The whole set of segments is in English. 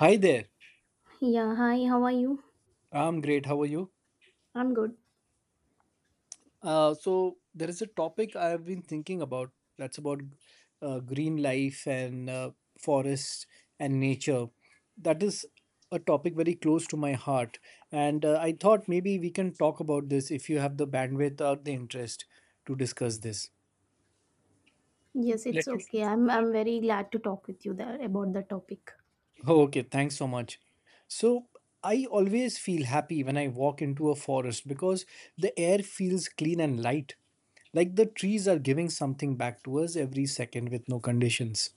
Hi there. Yeah, hi, how are you? I'm great. How are you? I'm good. So there is a topic I've been thinking about. That's about green life and forest and nature. That is a topic very close to my heart, and I thought maybe we can talk about this if you have the bandwidth or the interest to discuss this. Yes, it's okay. I'm very glad to talk with you there about the topic. Oh, okay, thanks so much. So, I always feel happy when I walk into a forest because the air feels clean and light. Like the trees are giving something back to us every second with no conditions.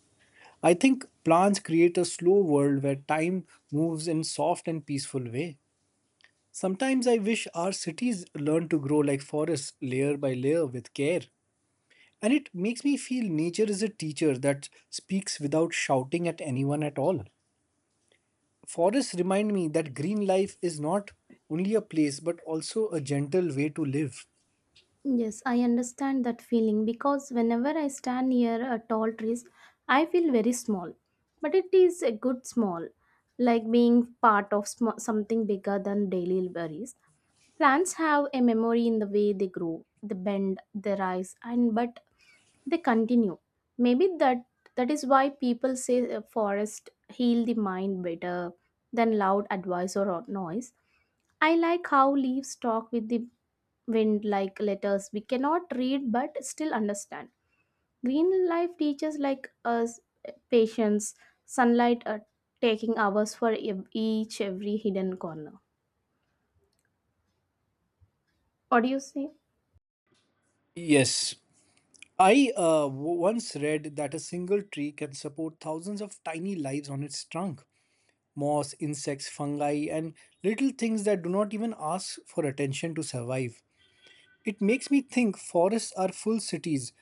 I think plants create a slow world where time moves in soft and peaceful way. Sometimes I wish our cities learn to grow like forests, layer by layer with care. And it makes me feel nature is a teacher that speaks without shouting at anyone at all. Forests remind me that green life is not only a place but also a gentle way to live. Yes, I understand that feeling because whenever I stand near a tall trees, I feel very small. But it is a good small, like being part of something bigger than daily worries. Plants have a memory in the way they grow, they bend, they rise, and but they continue. Maybe that is why people say a forest heal the mind better than loud advice or noise. I like how leaves talk with the wind like letters we cannot read but still understand. Green life teaches like us patience, sunlight taking hours for each every hidden corner. What do you say? Yes. I once read that a single tree can support thousands of tiny lives on its trunk. Moss, insects, fungi, and little things that do not even ask for attention to survive. It makes me think forests are full cities,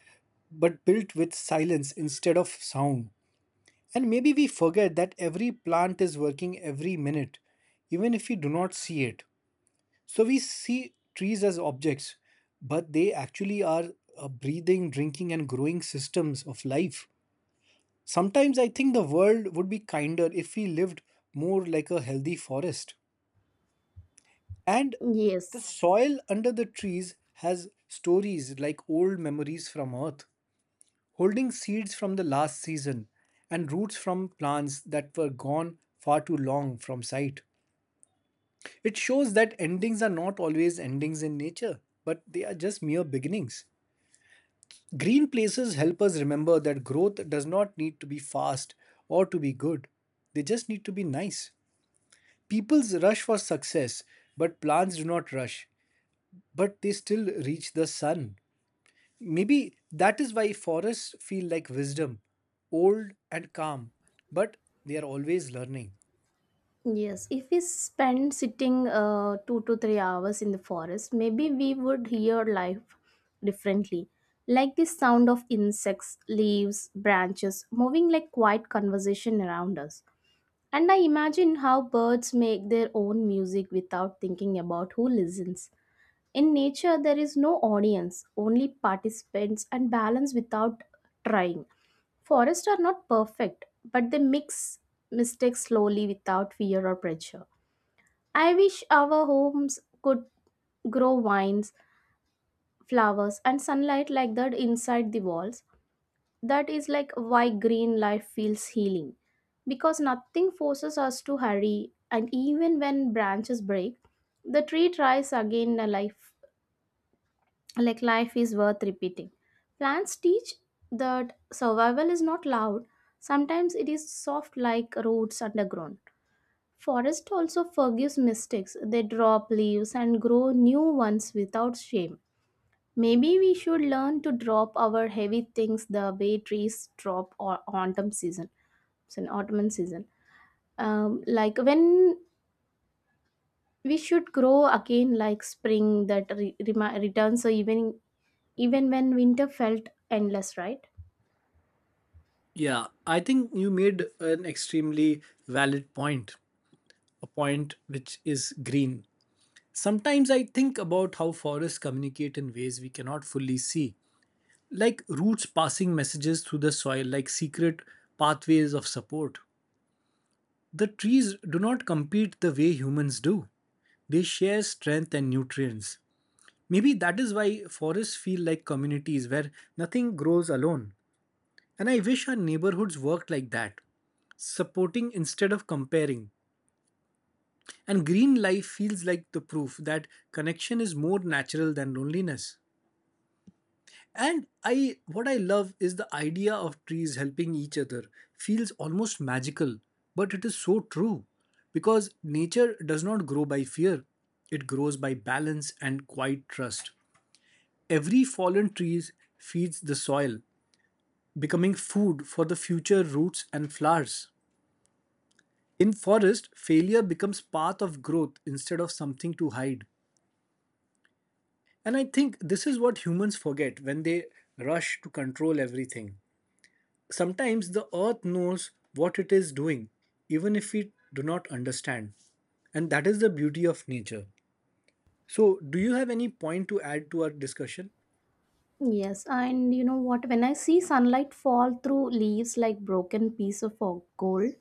but built with silence instead of sound. And maybe we forget that every plant is working every minute, even if we do not see it. So we see trees as objects, but they actually are breathing, drinking, and growing systems of life. Sometimes I think the world would be kinder if we lived more like a healthy forest. And the Yes. soil under the trees has stories like old memories from earth, holding seeds from the last season and roots from plants that were gone far too long from sight. It shows that endings are not always endings in nature, but they are just mere beginnings. Green places help us remember that growth does not need to be fast or to be good, they just need to be nice. People's rush for success, but plants do not rush, but they still reach the sun. Maybe that is why forests feel like wisdom, old and calm, but they are always learning. Yes, if we spend sitting 2 to 3 hours in the forest, maybe we would hear life differently. Like the sound of insects, leaves, branches moving like quiet conversation around us. And I imagine how birds make their own music without thinking about who listens. In nature, there is no audience, only participants and balance without trying. Forests are not perfect, but they mix mistakes slowly without fear or pressure. I wish our homes could grow vines, flowers, and sunlight like that inside the walls. That is like why green life feels healing. Because nothing forces us to hurry, and even when branches break, the tree tries again a life like life is worth repeating. Plants teach that survival is not loud, sometimes it is soft like roots underground. Forest also forgives mistakes. They drop leaves and grow new ones without shame. Maybe we should learn to drop our heavy things the way trees drop or autumn season. It's an autumn season. Like when we should grow again, like spring that returns. So even when winter felt endless, right? Yeah, I think you made an extremely valid point. A point which is green. Sometimes I think about how forests communicate in ways we cannot fully see, like roots passing messages through the soil, like secret pathways of support. The trees do not compete the way humans do, they share strength and nutrients. Maybe that is why forests feel like communities where nothing grows alone. And I wish our neighborhoods worked like that supporting instead of comparing. And green life feels like the proof that connection is more natural than loneliness. And I what I love is the idea of trees helping each other feels almost magical, but it is so true because nature does not grow by fear. It grows by balance and quiet trust. Every fallen tree feeds the soil, becoming food for the future roots and flowers. In forest, failure becomes path of growth instead of something to hide. And I think this is what humans forget when they rush to control everything. Sometimes the earth knows what it is doing, even if we do not understand. And that is the beauty of nature. So, do you have any point to add to our discussion? Yes, and you know what? When I see sunlight fall through leaves like broken piece of gold,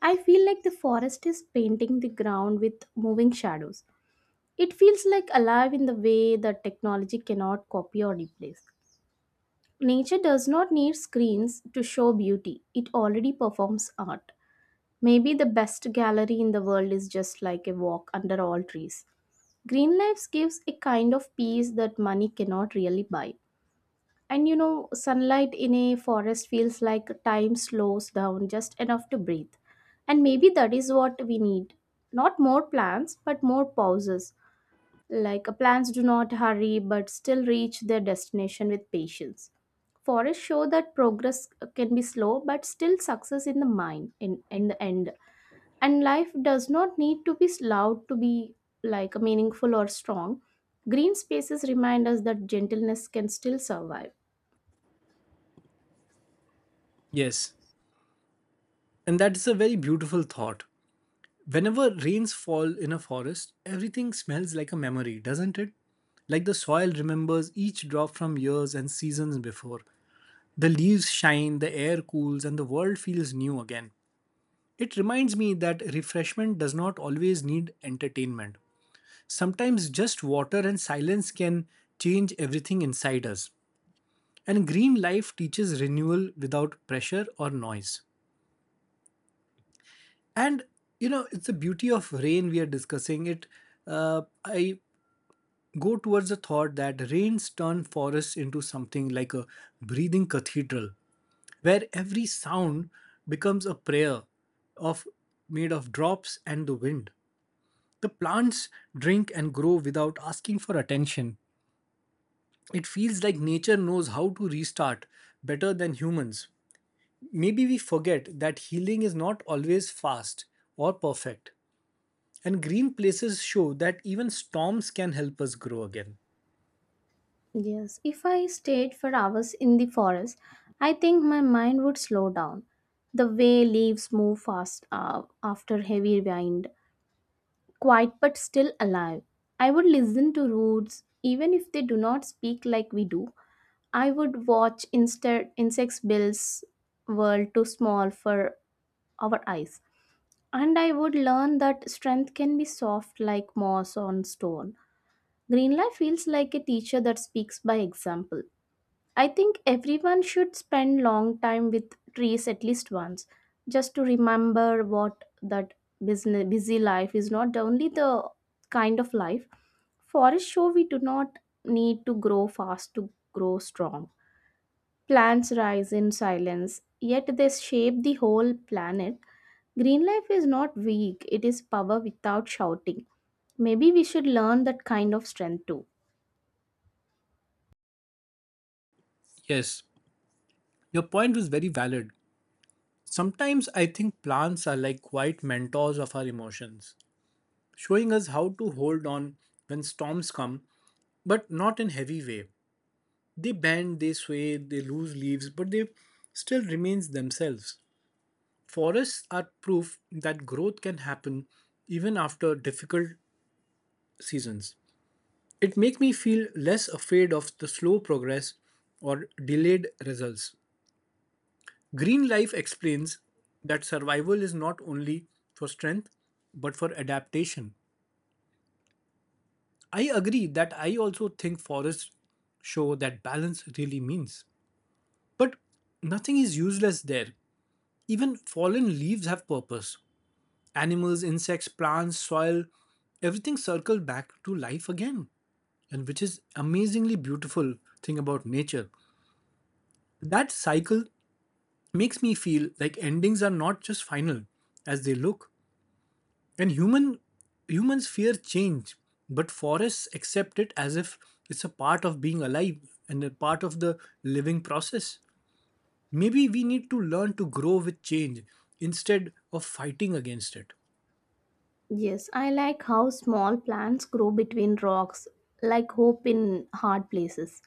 I feel like the forest is painting the ground with moving shadows. It feels like alive in the way that technology cannot copy or replace. Nature does not need screens to show beauty, it already performs art. Maybe the best gallery in the world is just like a walk under all trees. Green Lives gives a kind of peace that money cannot really buy. And you know, sunlight in a forest feels like time slows down just enough to breathe. And maybe that is what we need. Not more plans, but more pauses. Like plans do not hurry but still reach their destination with patience. Forests show that progress can be slow but still success in the mind in the end. And life does not need to be loud to be like meaningful or strong. Green spaces remind us that gentleness can still survive. Yes, and that's a very beautiful thought. Whenever rains fall in a forest, everything smells like a memory, doesn't it? Like the soil remembers each drop from years and seasons before. The leaves shine, the air cools, and the world feels new again. It reminds me that refreshment does not always need entertainment. Sometimes just water and silence can change everything inside us. And green life teaches renewal without pressure or noise. And you know, it's the beauty of rain we are discussing. I go towards the thought that rains turn forests into something like a breathing cathedral, where every sound becomes a prayer of made of drops and the wind. The plants drink and grow without asking for attention. It feels like nature knows how to restart better than humans. Maybe we forget that healing is not always fast or perfect, and green places show that even storms can help us grow again. Yes, if I stayed for hours in the forest, I think my mind would slow down. The way leaves move fast after heavy wind, quiet but still alive. I would listen to roots, even if they do not speak like we do. I would watch instead insects bills world too small for our eyes. And I would learn that strength can be soft like moss on stone. Green life feels like a teacher that speaks by example. I think everyone should spend long time with trees at least once, just to remember what that busy, busy life is not only the kind of life. Forests show we do not need to grow fast to grow strong. Plants rise in silence, yet they shape the whole planet. Green life is not weak, it is power without shouting. Maybe we should learn that kind of strength too. Yes, your point was very valid. Sometimes I think plants are like quiet mentors of our emotions, showing us how to hold on when storms come, but not in heavy way. They bend, they sway, they lose leaves, but they still remains themselves. Forests are proof that growth can happen even after difficult seasons. It makes me feel less afraid of the slow progress or delayed results. Green life explains that survival is not only for strength but for adaptation. I agree that I also think forests show that balance really means. But nothing is useless there. Even fallen leaves have purpose. Animals, insects, plants, soil, everything circles back to life again. And which is amazingly beautiful thing about nature. That cycle makes me feel like endings are not just final as they look. And humans fear change, but forests accept it as if it's a part of being alive and a part of the living process. Maybe we need to learn to grow with change instead of fighting against it. Yes, I like how small plants grow between rocks, like hope in hard places,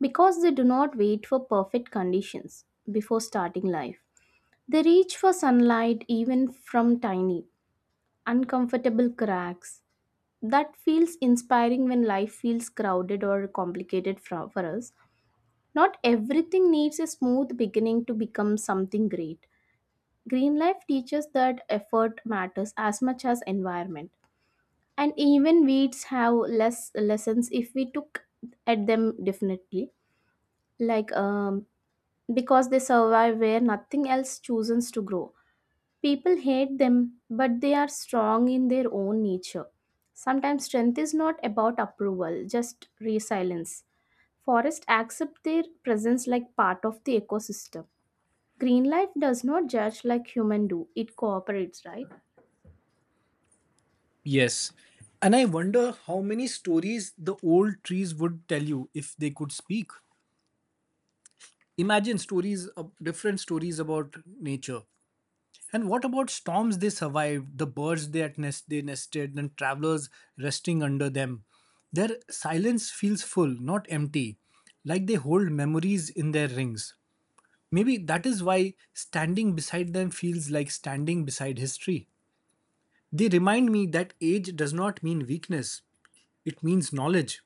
because they do not wait for perfect conditions before starting life. They reach for sunlight even from tiny, uncomfortable cracks. That feels inspiring when life feels crowded or complicated for us. Not everything needs a smooth beginning to become something great. Green life teaches that effort matters as much as environment and even weeds have less lessons if we took at them definitely like because they survive where nothing else chooses to grow. People hate them, but they are strong in their own nature. Sometimes strength is not about approval, just resilience. Forest accept their presence like part of the ecosystem. Green life does not judge like human do, it cooperates, right? Yes. And I wonder how many stories the old trees would tell you if they could speak. Imagine stories, of different stories about nature. And what about storms they survived, the birds they, at nest, they nested, and travelers resting under them? Their silence feels full, not empty, like they hold memories in their rings. Maybe that is why standing beside them feels like standing beside history. They remind me that age does not mean weakness, it means knowledge.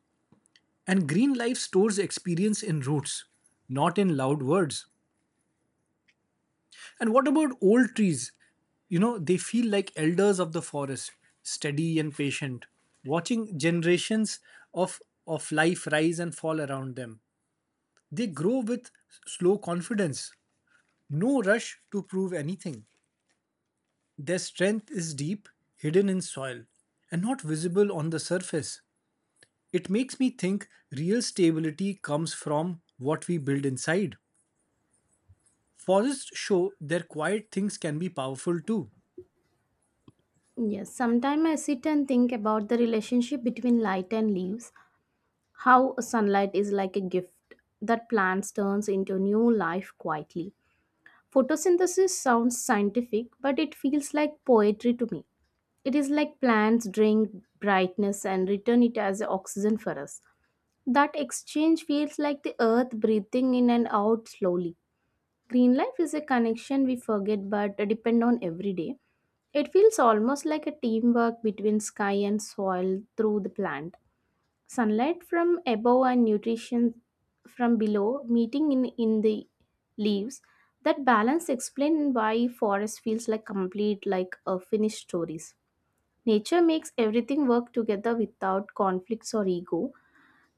And green life stores experience in roots, not in loud words. And what about old trees? You know, they feel like elders of the forest, steady and patient, watching generations of, of life rise and fall around them. They grow with slow confidence, no rush to prove anything. Their strength is deep, hidden in soil, and not visible on the surface. It makes me think real stability comes from what we build inside. Forests show their quiet things can be powerful too. Yes, sometimes I sit and think about the relationship between light and leaves. How sunlight is like a gift that plants turns into new life quietly. Photosynthesis sounds scientific, but it feels like poetry to me. It is like plants drink brightness and return it as oxygen for us. That exchange feels like the earth breathing in and out slowly. Green life is a connection we forget but depend on every day. It feels almost like a teamwork between sky and soil through the plant. Sunlight from above and nutrition from below meeting in the leaves. That balance explains why forest feels like complete, like a finished stories. Nature makes everything work together without conflicts or ego.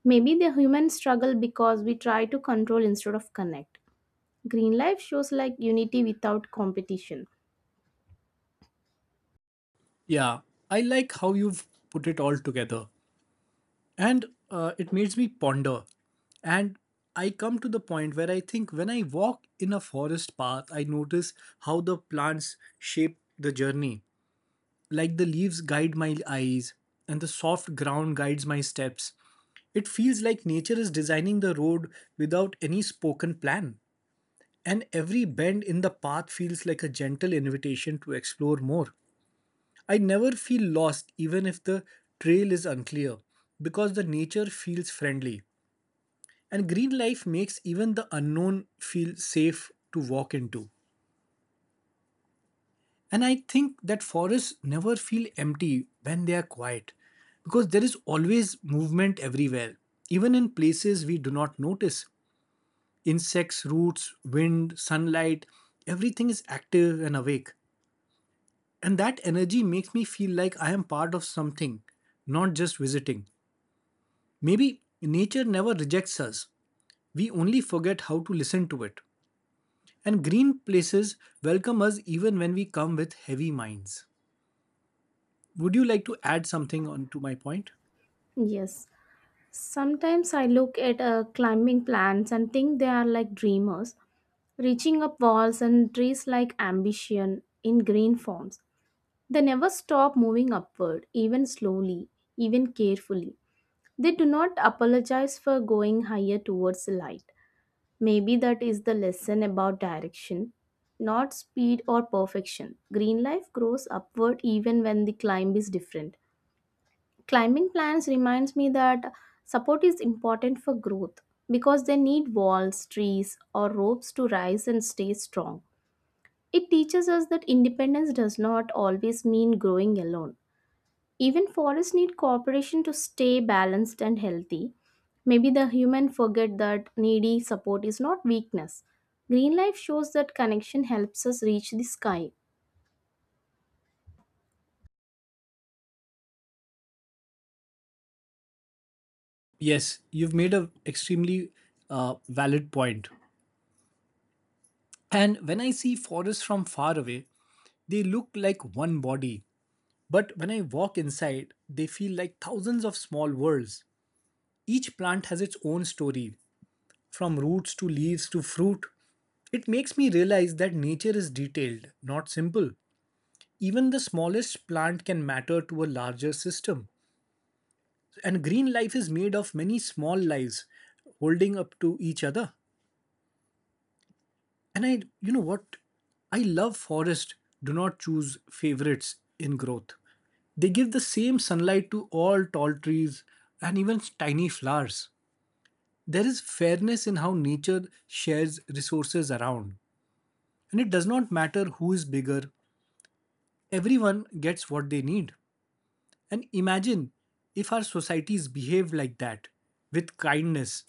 Maybe the human struggle because we try to control instead of connect. Green life shows like unity without competition. Yeah, I like how you've put it all together. And it makes me ponder. And I come to the point where I think when I walk in a forest path, I notice how the plants shape the journey. Like the leaves guide my eyes, and the soft ground guides my steps. It feels like nature is designing the road without any spoken plan. And every bend in the path feels like a gentle invitation to explore more. I never feel lost even if the trail is unclear because the nature feels friendly. And green life makes even the unknown feel safe to walk into. And I think that forests never feel empty when they are quiet because there is always movement everywhere, even in places we do not notice. Insects, roots, wind, sunlight, everything is active and awake. And that energy makes me feel like I am part of something, not just visiting. Maybe nature never rejects us, we only forget how to listen to it. And green places welcome us even when we come with heavy minds. Would you like to add something on to my point? Yes. Sometimes I look at climbing plants and think they are like dreamers, reaching up walls and trees like ambition in green forms. They never stop moving upward, even slowly, even carefully. They do not apologize for going higher towards the light. Maybe that is the lesson about direction, not speed or perfection. Green life grows upward even when the climb is different. Climbing plants reminds me that support is important for growth, because they need walls trees or ropes to rise and stay strong. It teaches us that independence does not always mean growing alone. Even forests need cooperation to stay balanced and healthy. Maybe the human forget that needy support is not weakness. Green life shows that connection helps us reach the sky. Yes, you've made an extremely valid point. And when I see forests from far away, they look like one body. But when I walk inside, they feel like thousands of small worlds. Each plant has its own story, from roots to leaves to fruit. It makes me realize that nature is detailed, not simple. Even the smallest plant can matter to a larger system. And green life is made of many small lives holding up to each other. And I, you know what? I love forest. Do not choose favorites in growth. They give the same sunlight to all tall trees and even tiny flowers. There is fairness in how nature shares resources around, and it does not matter who is bigger, everyone gets what they need. And imagine if our societies behaved like that, with kindness.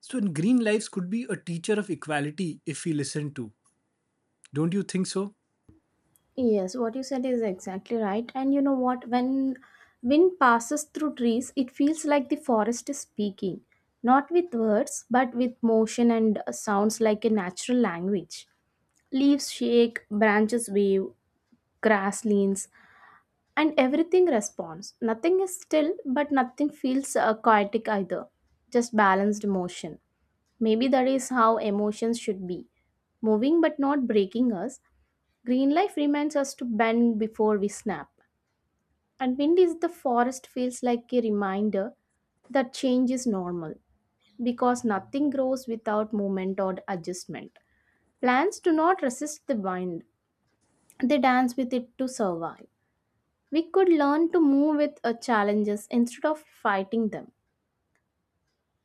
So, in Green Lives could be a teacher of equality if we listen to. Don't you think so? Yes, what you said is exactly right. And you know what? When wind passes through trees, it feels like the forest is speaking, not with words, but with motion and sounds like a natural language. Leaves shake, branches wave, grass leans, and everything responds. Nothing is still, but nothing feels chaotic either, just balanced motion. Maybe that is how emotions should be moving but not breaking us. Green life reminds us to bend before we snap, and wind is the forest feels like a reminder that change is normal because nothing grows without movement or adjustment. Plants do not resist the wind, they dance with it to survive. We could learn to move with our challenges instead of fighting them.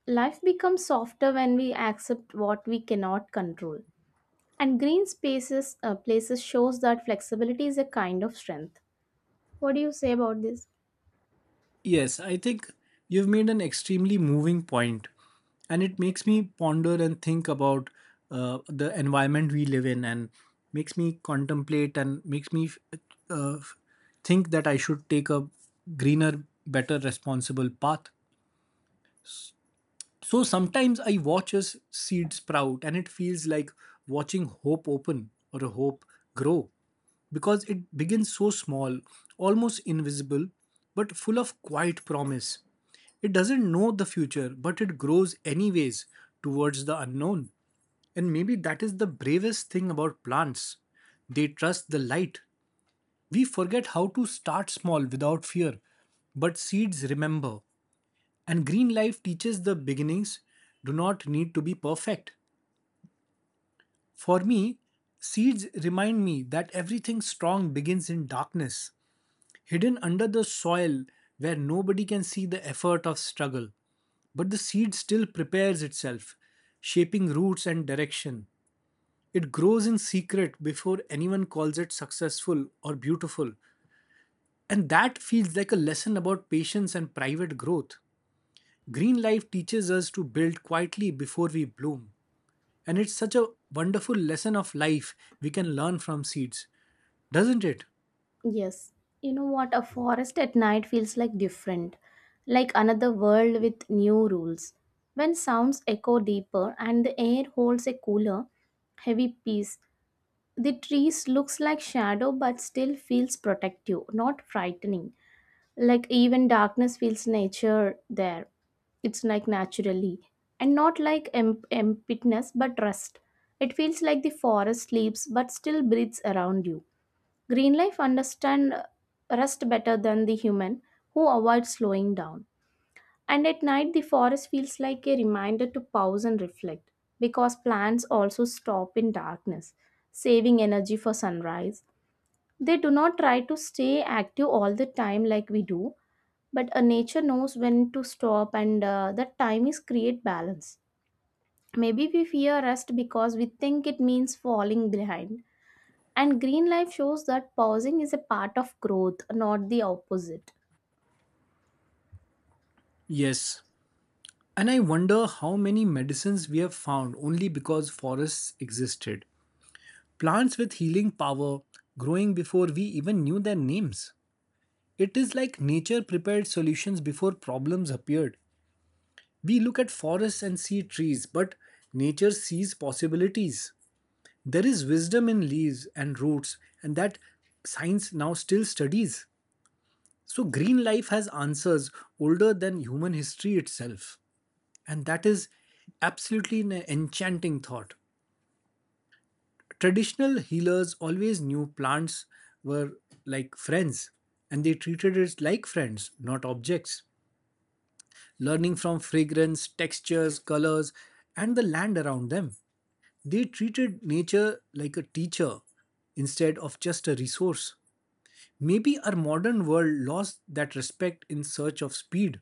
Life becomes softer when we accept what we cannot control. And green spaces places shows that flexibility is a kind of strength. What do you say about this? Yes, I think you've made an extremely moving point, and it makes me ponder and think about the environment we live in, and makes me contemplate and makes me uh, think that I should take a greener, better, responsible path. So sometimes I watch a seed sprout and it feels like watching hope open or a hope grow because it begins so small, almost invisible, but full of quiet promise. It doesn't know the future, but it grows anyways towards the unknown. And maybe that is the bravest thing about plants. They trust the light. We forget how to start small without fear, but seeds remember. And green life teaches the beginnings do not need to be perfect. For me, seeds remind me that everything strong begins in darkness, hidden under the soil where nobody can see the effort of struggle. But the seed still prepares itself, shaping roots and direction. It grows in secret before anyone calls it successful or beautiful. And that feels like a lesson about patience and private growth. Green life teaches us to build quietly before we bloom. And it's such a wonderful lesson of life we can learn from seeds, doesn't it? Yes, you know what? A forest at night feels like different, like another world with new rules. When sounds echo deeper and the air holds a cooler, heavy peace, the trees looks like shadow but still feels protective, not frightening. Like even darkness feels nature there. It's like naturally, and not like emptiness but rest. It feels like the forest sleeps but still breathes around you. Greenleaf understands rest better than the human who avoids slowing down. And at night, the forest feels like a reminder to pause and reflect because plants also stop in darkness, saving energy for sunrise. They do not try to stay active all the time like we do, but nature knows when to stop, and that time is create balance. Maybe we fear rest because we think it means falling behind, and green life shows that pausing is a part of growth, not the opposite. Yes. And I wonder how many medicines we have found only because forests existed. Plants with healing power growing before we even knew their names. It is like nature prepared solutions before problems appeared. We look at forests and see trees, but nature sees possibilities. There is wisdom in leaves and roots, and that science now still studies. So, green life has answers older than human history itself. And that is absolutely an enchanting thought. Traditional healers always knew plants were like friends, and they treated it like friends, not objects. Learning from fragrance, textures, colors, and the land around them, they treated nature like a teacher instead of just a resource. Maybe our modern world lost that respect in search of speed,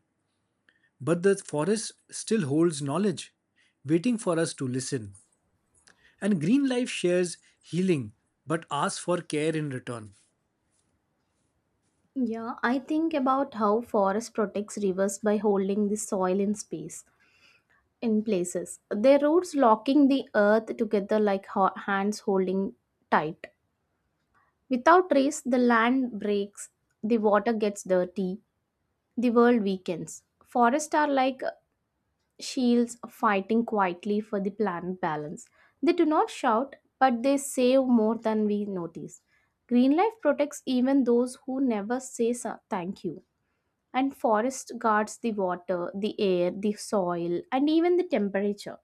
but the forest still holds knowledge, waiting for us to listen. And green life shares healing, but asks for care in return. Yeah, I think about how forest protects rivers by holding the soil in space, in places. Their roots locking the earth together like hands holding tight. Without trees, the land breaks, the water gets dirty, the world weakens. Forests are like shields fighting quietly for the planet balance. They do not shout, but they save more than we notice. Green life protects even those who never say thank you. And forest guards the water, the air, the soil, and even the temperature.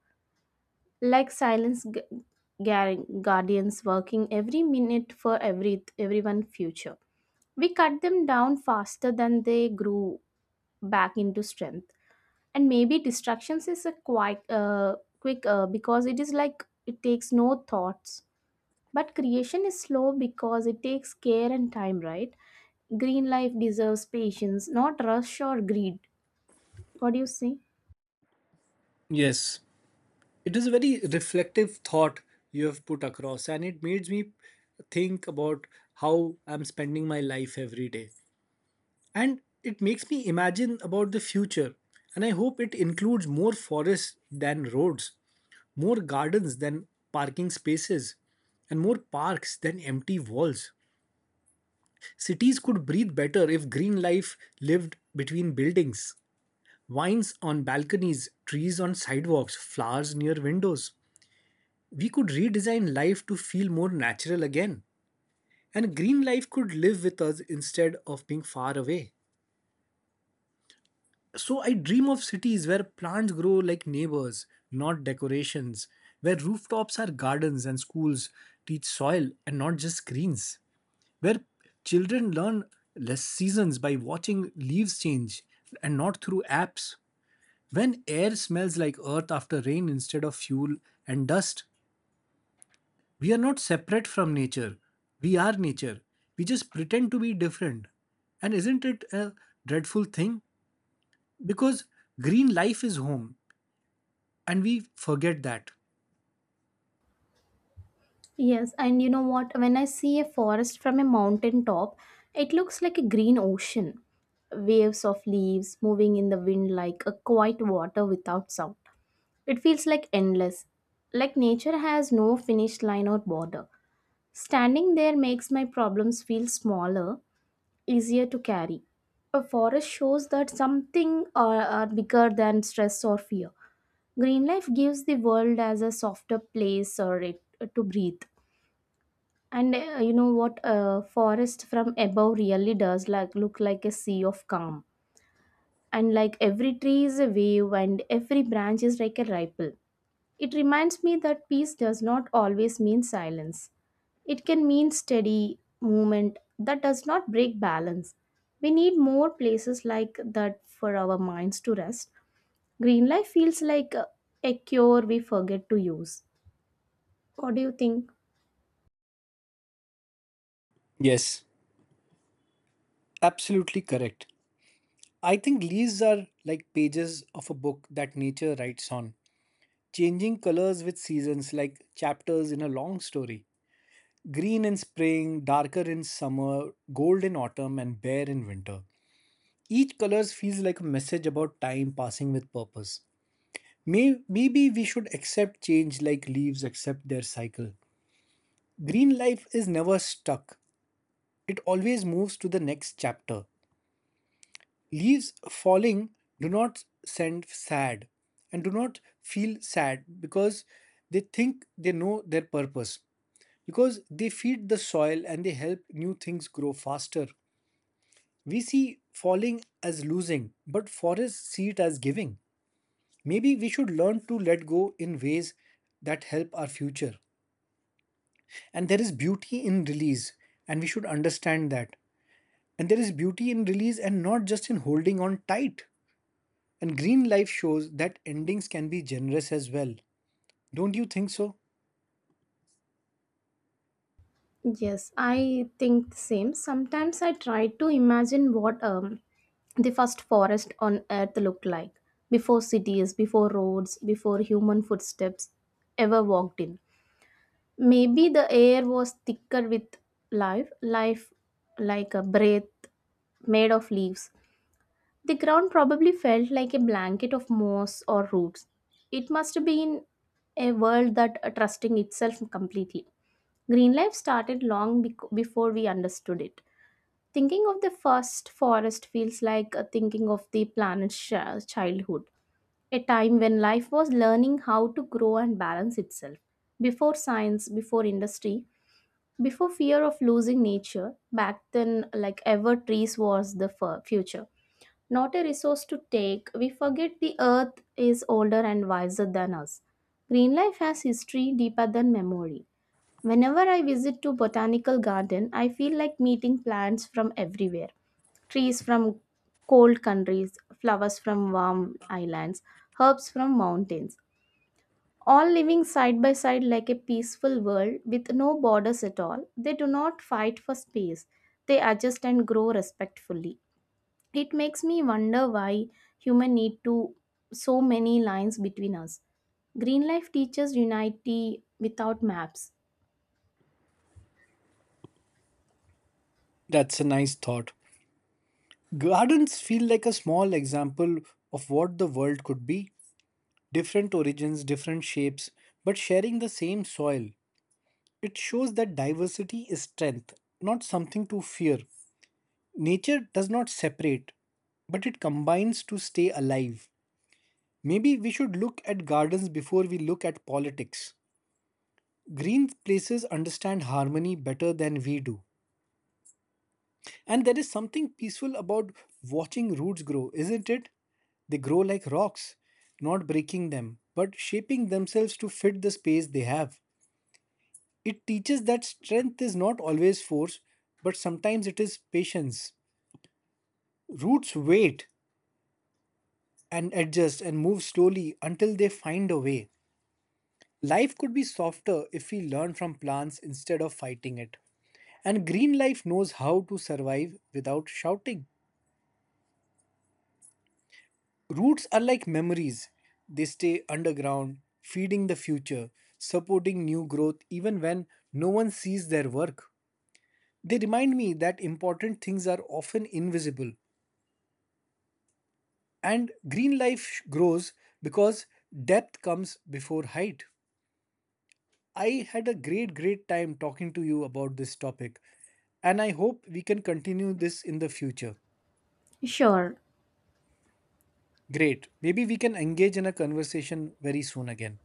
Like silence guardians working every minute for every everyone future. We cut them down faster than they grew back into strength. And maybe distractions is a quite quick because it is like it takes no thoughts, but creation is slow because it takes care and time, right? Green life deserves patience, not rush or greed. What do you say? Yes, it is a very reflective thought you have put across, and it made me think about how I'm spending my life every day. And it makes me imagine about the future. And I hope it includes more forests than roads, more gardens than parking spaces, and more parks than empty walls. Cities could breathe better if green life lived between buildings. Vines on balconies, trees on sidewalks, flowers near windows. We could redesign life to feel more natural again. And green life could live with us instead of being far away. So I dream of cities where plants grow like neighbors, not decorations, where rooftops are gardens and schools teach soil and not just screens, where children learn less seasons by watching leaves change and not through apps. When air smells like earth after rain instead of fuel and dust, we are not separate from nature. We are nature. We just pretend to be different. And isn't it a dreadful thing? Because green life is home, and we forget that. Yes, and you know what? When I see a forest from a mountain top, it looks like a green ocean, waves of leaves moving in the wind like a quiet water without sound. It feels like endless, like nature has no finish line or border. Standing there makes my problems feel smaller, easier to carry. A forest shows that something are bigger than stress or fear. Green life gives the world as a softer place or it, to breathe. And you know what? A forest from above really does like look like a sea of calm. And like every tree is a wave, and every branch is like a ripple. It reminds me that peace does not always mean silence. It can mean steady movement that does not break balance. We need more places like that for our minds to rest. Green life feels like a cure we forget to use. What do you think? Yes, absolutely correct. I think leaves are like pages of a book that nature writes on, changing colors with seasons like chapters in a long story. Green in spring, darker in summer, gold in autumn, and bare in winter. Each color feels like a message about time passing with purpose. Maybe we should accept change like leaves accept their cycle. Green life is never stuck, it always moves to the next chapter. Leaves falling do not send sad and do not feel sad because they think they know their purpose because they feed the soil and they help new things grow faster. We see falling as losing, but forests see it as giving. Maybe we should learn to let go in ways that help our future. And there is beauty in release, and we should understand that. And there is beauty in release and not just in holding on tight. And green life shows that endings can be generous as well. Don't you think so? Yes, I think the same. Sometimes I try to imagine what the first forest on earth looked like before cities, before roads, before human footsteps ever walked in. Maybe the air was thicker with life like a breath made of leaves. The ground probably felt like a blanket of moss or roots. It must have been a world that trusting itself completely. Green life started long before we understood it. Thinking of the first forest feels like thinking of the planet's childhood, a time when life was learning how to grow and balance itself. Before science, before industry, before fear of losing nature back then, like ever trees was the future, not a resource to take. We forget the earth is older and wiser than us. Green life has history deeper than memory. Whenever I visit to botanical garden, I feel like meeting plants from everywhere. Trees from cold countries, flowers from warm islands, herbs from mountains, all living side by side like a peaceful world with no borders at all. They do not fight for space, they adjust and grow respectfully. It makes me wonder why human need to so many lines between us. Green life teaches unity without maps. That's a nice thought. Gardens feel like a small example of what the world could be, different origins, different shapes, but sharing the same soil. It shows that diversity is strength, not something to fear. Nature does not separate, but it combines to stay alive. Maybe we should look at gardens before we look at politics. Green places understand harmony better than we do. And there is something peaceful about watching roots grow, isn't it? They grow like rocks, not breaking them, but shaping themselves to fit the space they have. It teaches that strength is not always force, but sometimes it is patience. Roots wait and adjust and move slowly until they find a way. Life could be softer if we learn from plants instead of fighting it. And green life knows how to survive without shouting. Roots are like memories, they stay underground, feeding the future, supporting new growth even when no one sees their work. They remind me that important things are often invisible and green life grows because depth comes before height. I had a great time talking to you about this topic, and I hope we can continue this in the future. Sure. Great, maybe we can engage in a conversation very soon again.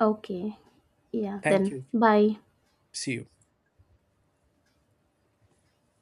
Okay. Yeah, Thank then you. bye. See you.